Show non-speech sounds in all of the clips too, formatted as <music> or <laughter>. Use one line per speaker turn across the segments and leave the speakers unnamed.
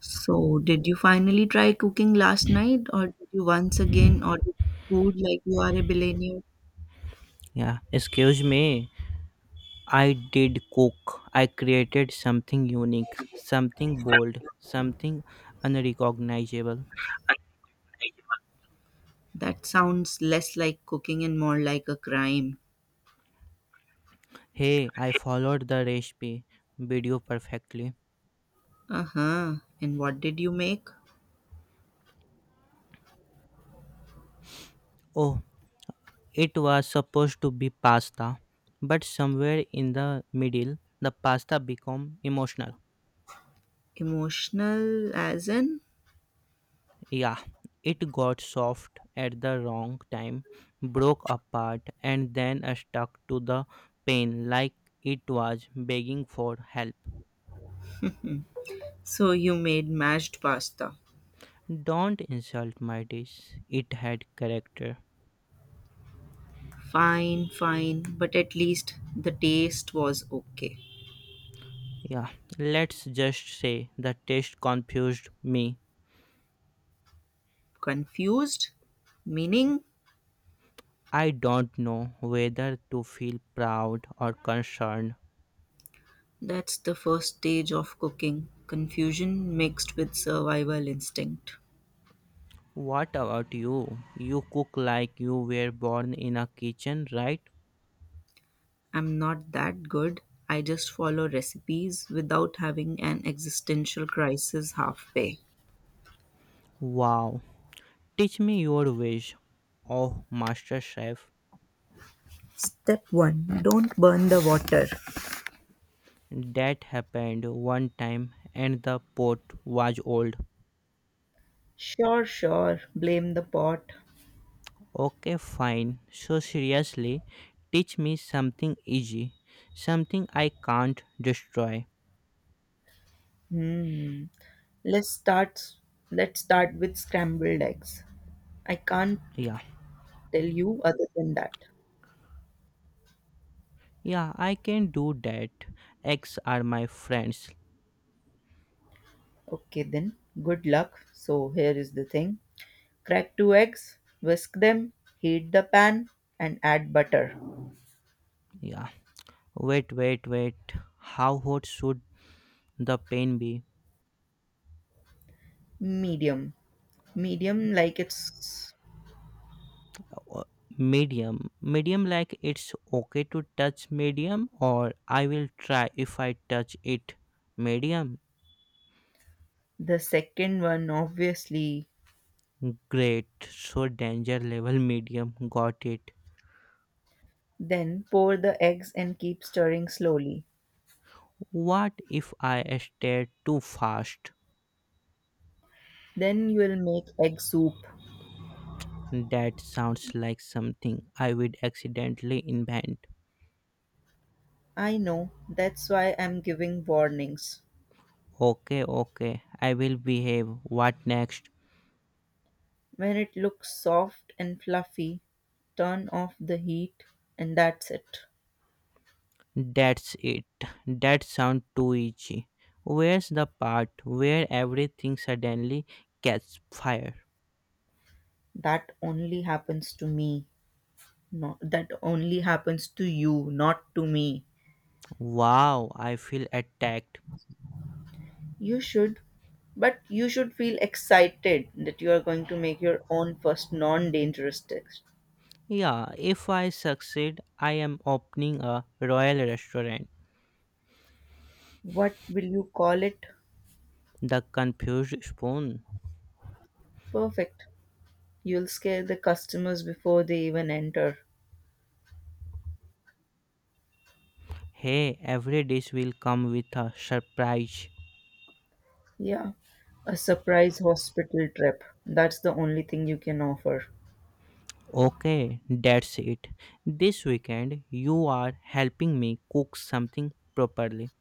So, did you finally try cooking last night, or did you once again order food like you are a billionaire?
Yeah, excuse me. I did cook. I created something unique, something bold, something unrecognizable.
That sounds less like cooking and more like a crime.
Hey, I followed the recipe video perfectly.
Uh huh. And what did you make?
Oh, it was supposed to be pasta, but somewhere in the middle, the pasta became emotional.
Emotional, as in?
Yeah, it got soft at the wrong time, broke apart, and then stuck to the pan like it was begging for help.
So, you made mashed pasta.
Don't insult my dish. It had character.
Fine, fine, but at least the taste was okay.
Yeah, let's just say the taste confused me.
Confused? Meaning?
I don't know whether to feel proud or concerned.
That's the first stage of cooking confusion mixed with survival instinct.
What about you? You cook like you were born in a kitchen, right?
I'm not that good. I just follow recipes without having an existential crisis halfway.
Wow. Teach me your ways. Oh, master chef.
Step 1. Don't burn the water.
That happened one time and the pot was old.
Sure, sure. Blame the pot.
Okay, fine. So, seriously, teach me something easy, something I can't destroy.
Hmm. Let's start let's start with scrambled eggs. I can't
Yeah,
tell you other than that.
yeah, I can do that. X are my friends.
Okay then. Good luck. So here is the thing. Crack two eggs, whisk them, heat the pan and add butter.
Yeah. Wait, wait, wait. How hot should the pain be?
Medium. Medium, like it's
Uh, Medium. Medium, like it's okay to touch medium, or I will try if I touch it. Medium.
the second one, obviously.
Great. So, danger level medium. Got it.
Then pour the eggs and keep stirring slowly.
What if I stare too fast?
Then you will make egg soup.
That sounds like something I would accidentally invent.
I know, that's why I'm giving warnings.
Okay, okay, I will behave. What next?
When it looks soft and fluffy, turn off the heat, and that's it.
That's it. That sounds too easy. Where's the part where everything suddenly gets fire?
That only happens to me. Not, that only happens to you, not to me.
Wow, I feel attacked.
You should, but you should feel excited that you are going to make your own first non dangerous test.
Yeah, if I succeed, I am opening a royal restaurant.
What will you call it?
The confused spoon.
Perfect. You'll scare the customers before they even enter.
Hey, every dish will come with a surprise.
Yeah, a surprise hospital trip. That's the only thing you can offer.
Okay, that's it. This weekend, you are helping me cook something properly.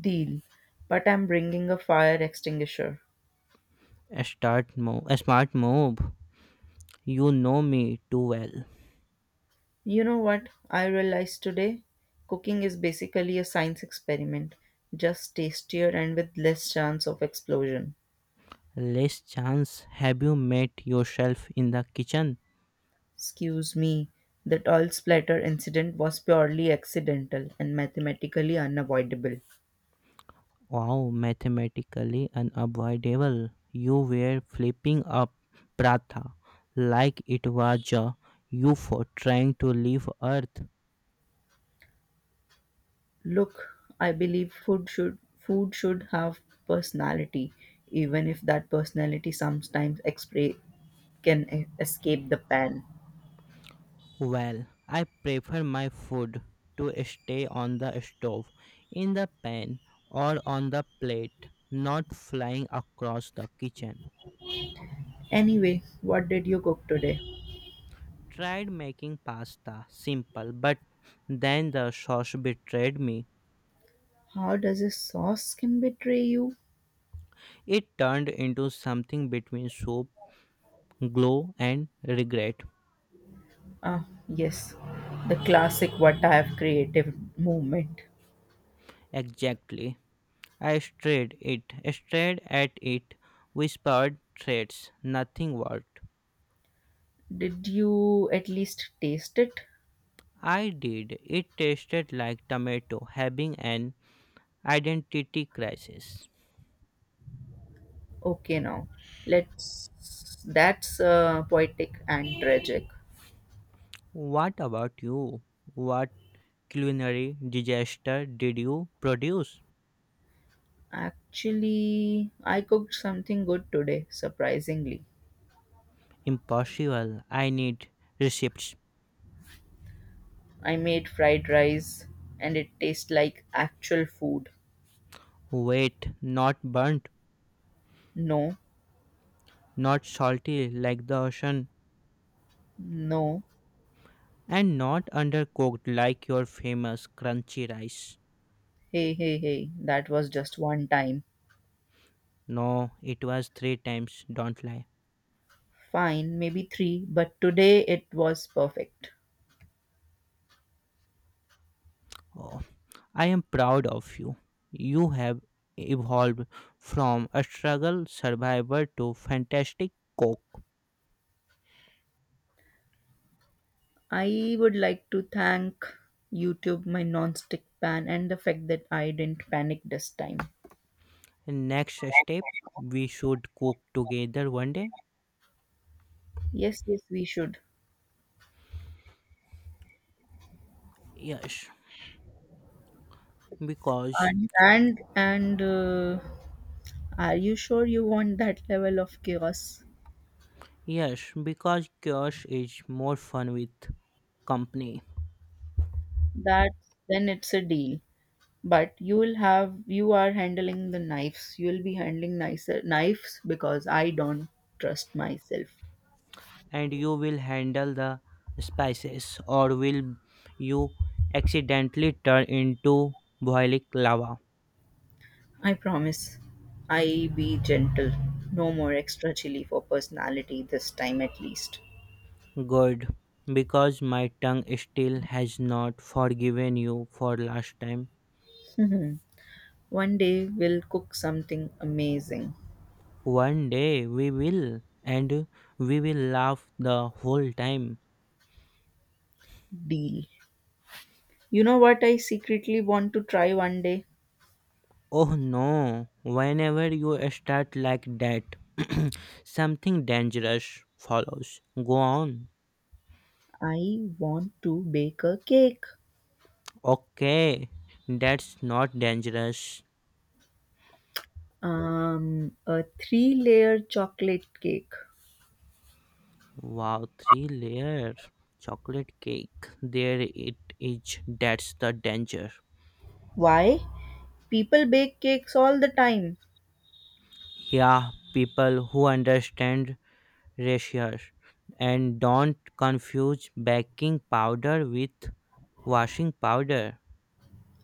Deal. But I'm bringing a fire extinguisher.
A start move, a smart move. You know me too well.
You know what I realized today? Cooking is basically a science experiment, just tastier and with less chance of explosion.
Less chance, have you met yourself in the kitchen?
Excuse me, that oil splatter incident was purely accidental and mathematically unavoidable.
Wow, mathematically unavoidable. You were flipping up pratha like it was a UFO trying to leave Earth.
Look, I believe food should have personality, even if that personality sometimes can escape the pan.
Well, I prefer my food to stay on the stove, in the pan, or on the plate, not flying across the kitchen.
Anyway, what did you cook today?
Tried making pasta simple, but then the sauce betrayed me.
How does a sauce can betray you?
It turned into something between soup, glow, and regret.
Ah, yes, the classic what I have creative movement.
Exactly. I stared it, stared at it, whispered threats. Nothing worked.
Did you at least taste it?
I did. It tasted like tomato, having an identity crisis.
Okay, now let's. That's poetic and tragic.
What about you? What culinary disaster did you produce?
Actually, I cooked something good today, surprisingly.
Impossible. I need receipts.
I made fried rice and it tastes like actual food.
Wait, not burnt,
No,
not salty like the ocean,
no.
and not undercooked like your famous crunchy rice.
Hey, hey, hey, that was just one time.
No, it was three times, don't lie.
Fine, maybe three, but today it was perfect.
Oh, I am proud of you. You have evolved from a struggle survivor to fantastic cook.
I would like to thank YouTube, my non-stick pan, and the fact that I didn't panic this time.
Next step, we should cook together one day.
Yes, yes, we should.
Yes, because
And are you sure you want that level of chaos?
yes, because chaos is more fun with company,
That then it's a deal. But you will have you are handling the knives. You will be handling nicer knives because I don't trust myself.
and you will handle the spices, or will you accidentally turn into boiling lava?
I promise. I be gentle. No more extra chili for personality this time at least. <laughs>
Good, because my tongue still has not forgiven you for last time.
Mhm. One day we'll cook something amazing.
One day we will, and we will laugh the whole time.
Deal. You know what I secretly want to try one day?
Oh no, whenever you start like that, something dangerous follows. Go on.
I want to bake a cake.
Okay, that's not dangerous.
A three layer chocolate cake.
Wow, three layer chocolate cake. There it is. That's the danger.
Why? People bake cakes all the time.
Yeah, people who understand ratio and don't confuse baking powder with washing powder.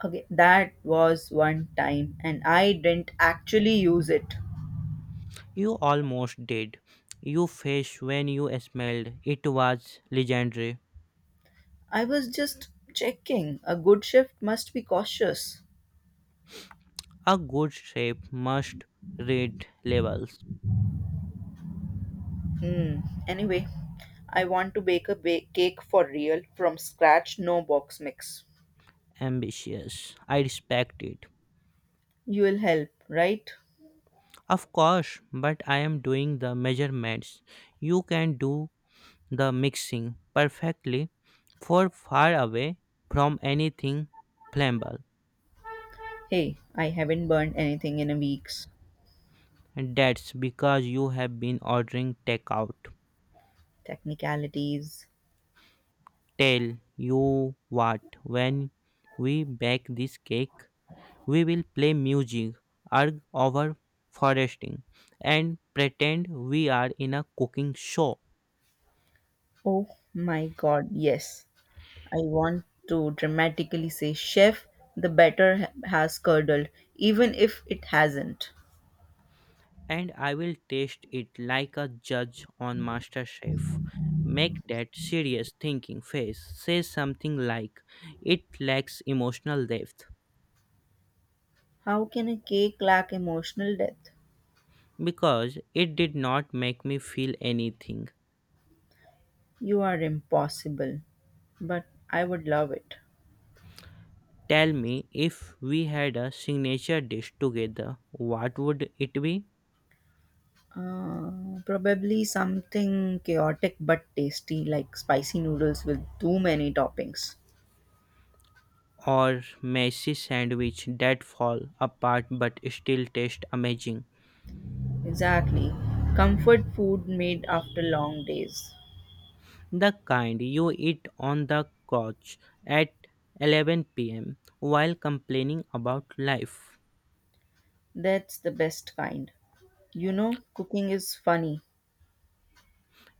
Okay, that was one time, and I didn't actually use it.
You almost did. You face when you smelled. It was legendary.
I was just checking. A good chef must be cautious.
A good chef must read labels.
Hmm. Anyway, I want to bake a cake for real from scratch, no box mix.
Ambitious. I respect it.
You will help, right?
Of course, but I am doing the measurements. You can do the mixing perfectly for far away from anything flammable.
Hey, I haven't burned anything in a week's
And that's because you have been ordering takeout.
technicalities.
Tell you what, when we bake this cake, we will play music, argue over foresting, and pretend we are in a cooking show.
Oh my god, yes. I want to dramatically say, Chef, the batter has curdled, even if it hasn't.
And I will taste it like a judge on MasterChef. Make that serious thinking face. Say something like, it lacks emotional depth
How can a cake lack emotional depth?
because it did not make me feel anything.
You are impossible, but I would love it.
Tell me, if we had a signature dish together, what would it be?
Probably something chaotic but tasty, like spicy noodles with too many toppings.
Or messy sandwich that fall apart but still taste amazing.
Exactly. Comfort food made after long days.
The kind you eat on the couch at 11 p.m. while complaining about life.
That's the best kind. You know, cooking is funny.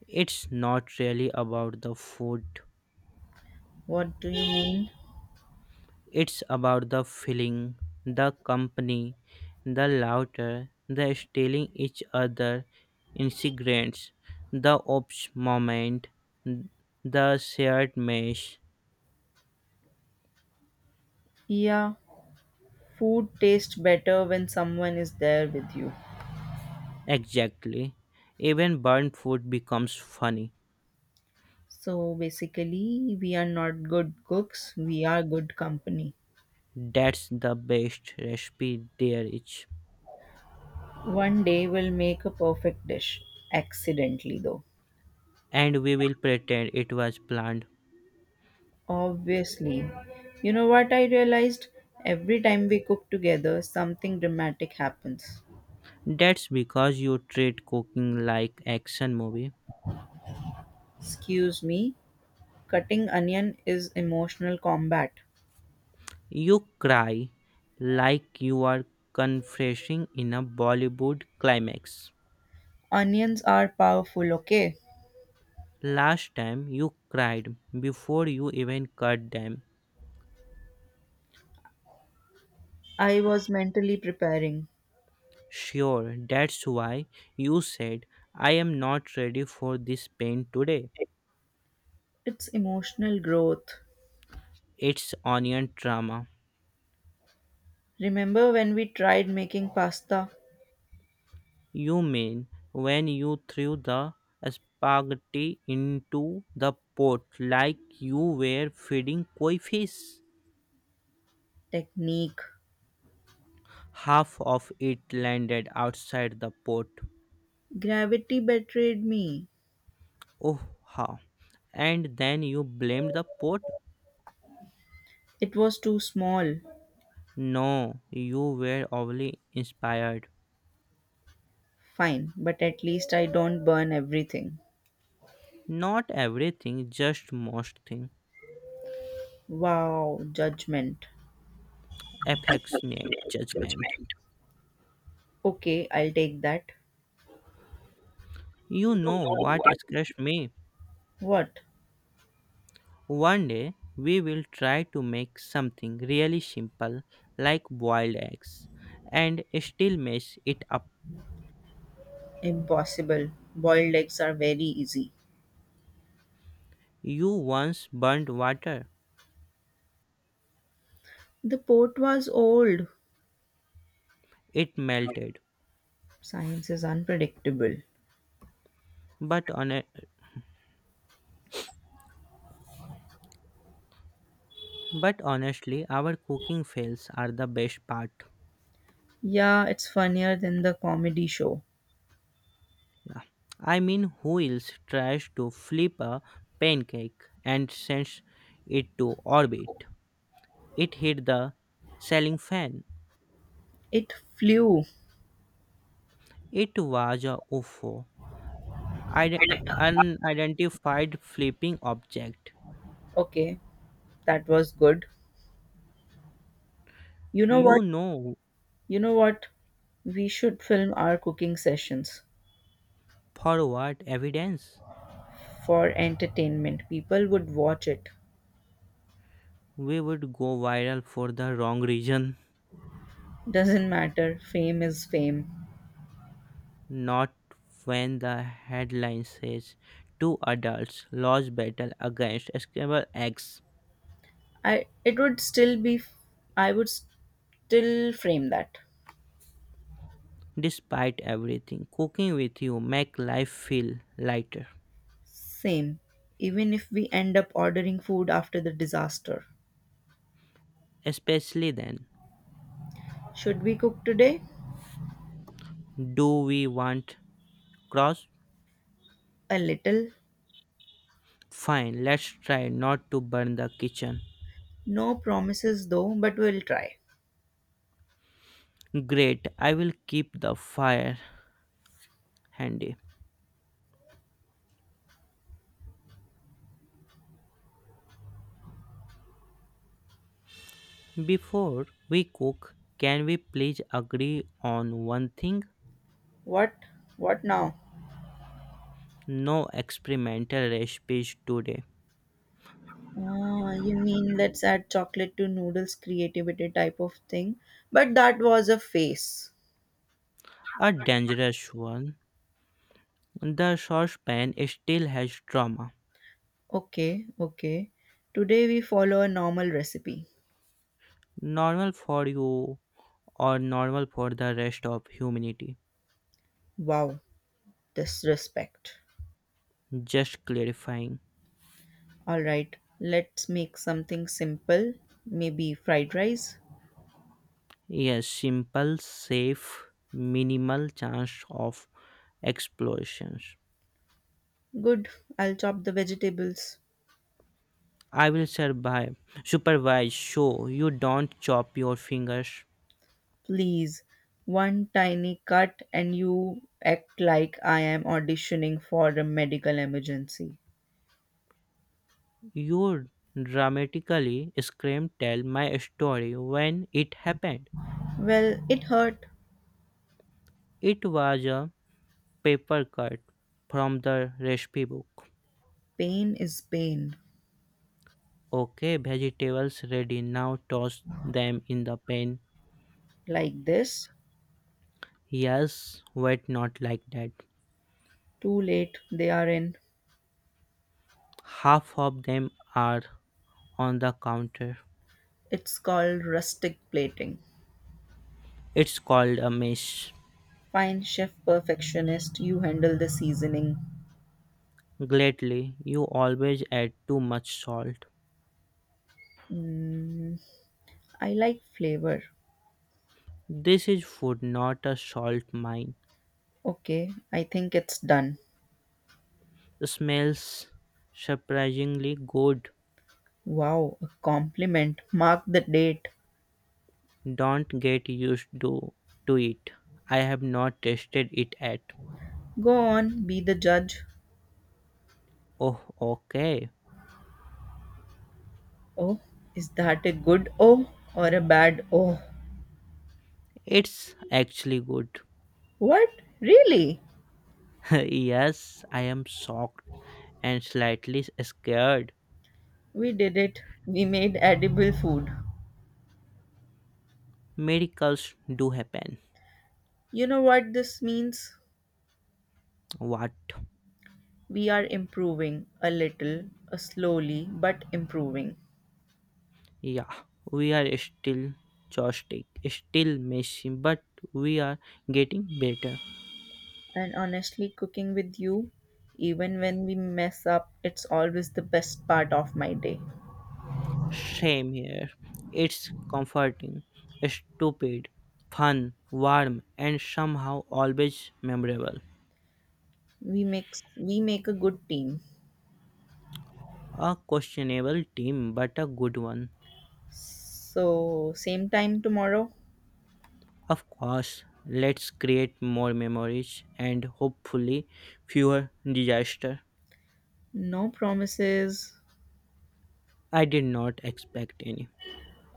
It's not really about the food.
What do you mean?
It's about the feeling, the company, the laughter, the stealing each other ingredients, the ops moment, the shared mesh.
Yeah, food tastes better when someone is there with you.
Exactly. Even burnt food becomes funny.
So basically, we are not good cooks, we are good company.
That's the best recipe there is.
One day we'll make a perfect dish, accidentally though.
And we will pretend it was planned.
Obviously. You know what I realized? Every time we cook together, something dramatic happens.
That's because you treat cooking like action movie.
Excuse me, cutting onion is emotional combat.
You cry like you are confessing in a Bollywood climax.
Onions are powerful, okay?
Last time you cried before you even cut them.
I was mentally preparing.
Sure, that's why you said, I am not ready for this pain today.
It's emotional growth.
It's onion drama.
Remember when we tried making pasta?
You mean when you threw the spaghetti into the pot like you were feeding koi fish?
Technique.
Half of it landed outside the pot.
Gravity betrayed me.
Oh, how? And then you blamed the pot?
It was too small.
No, you were overly inspired.
Fine, but at least I don't burn everything.
Not everything, just most thing.
Wow, judgment.
Affectionate judgment.
Judgment. Okay, I'll take that.
You
You don't
know
know
what
what.
scares me?
What?
One day, we will try to make something really simple like boiled eggs and still mess it up.
Impossible. Boiled eggs are very easy.
You once burned water.
The pot was old.
It melted.
Science is unpredictable.
But, on but honestly, our cooking fails are the best part.
Yeah, it's funnier than the comedy show.
Yeah. I mean, who else tries to flip a pancake and sends it to orbit? It hit the ceiling fan.
It flew.
It was a UFO, unidentified flipping object.
Okay, that was good. You know
You
what?
know,
You know what? We should film our cooking sessions
for what evidence?
for entertainment. People would watch it.
We would go viral for the wrong reason,
Doesn't matter. Fame is fame.
not when the headline says two adults lost battle against Scrabble eggs.
I it would still be I would still frame that.
Despite everything, cooking with you make life feel lighter.
Same. Even if we end up ordering food after the disaster.
Especially then.
Should we cook today?
Do we want cross?
A little.
Fine, let's try not to burn the kitchen.
No promises though, but we'll try.
Great, I will keep the fire handy. Before we cook, can we please agree on one thing?
What? What now?
No experimental recipes today.
Ah, you mean let's add chocolate to noodles creativity type of thing? But that was a phase.
A dangerous one. The saucepan still has trauma.
Okay, okay. Today we follow a normal recipe.
Normal for you, or normal for the rest of humanity?
Wow, disrespect.
Just clarifying.
All right, let's make something simple. Maybe fried rice.
Yes, simple, safe, minimal chance of explosions.
Good, I'll chop the vegetables.
I will survive. Supervise. So you don't chop your fingers.
Please, one tiny cut and you act like I am auditioning for a medical emergency.
You dramatically scream. Tell my story when it happened.
Well, it hurt.
It was a paper cut from the recipe book.
Pain is pain.
Okay, vegetables ready. Now toss them in the pan.
Like this.
Yes, wait, not like that.
Too late, they are in.
Half of them are on the counter.
It's called rustic plating.
It's called a mess.
Fine, chef perfectionist, you handle the seasoning.
Gladly, you always add too much salt.
Mm, I like flavor.
This is food, not a salt mine.
Okay, I think it's done.
Smells surprisingly good.
Wow, a compliment. Mark the date.
Don't get used to it. I have not tasted it yet.
Go on, be the judge.
Oh, okay.
Oh, is that a good oh or a bad oh?
It's actually good.
What? Really?
<laughs> Yes, I am shocked and slightly scared.
We did it. We made edible food.
Miracles do happen.
You know what this means?
What?
We are improving a little, slowly, but improving.
Yeah, we are still joystick, still messy, but we are getting better.
And honestly, cooking with you, even when we mess up, it's always the best part of my day.
Same here. It's comforting, stupid, fun, warm, and somehow always memorable.
We make we make a good team.
A questionable team, but a good one.
So, same time tomorrow.
Of course, let's create more memories and hopefully fewer disaster.
No promises.
I did not expect any.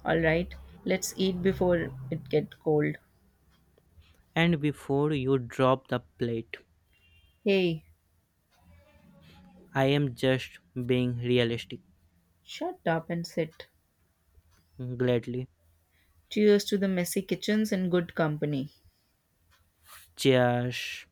All right. Let's eat before it gets cold.
And before you drop the plate,
Hey,
I am just being realistic.
shut up and sit.
Gladly.
Cheers to the messy kitchens and good company.
Cheers.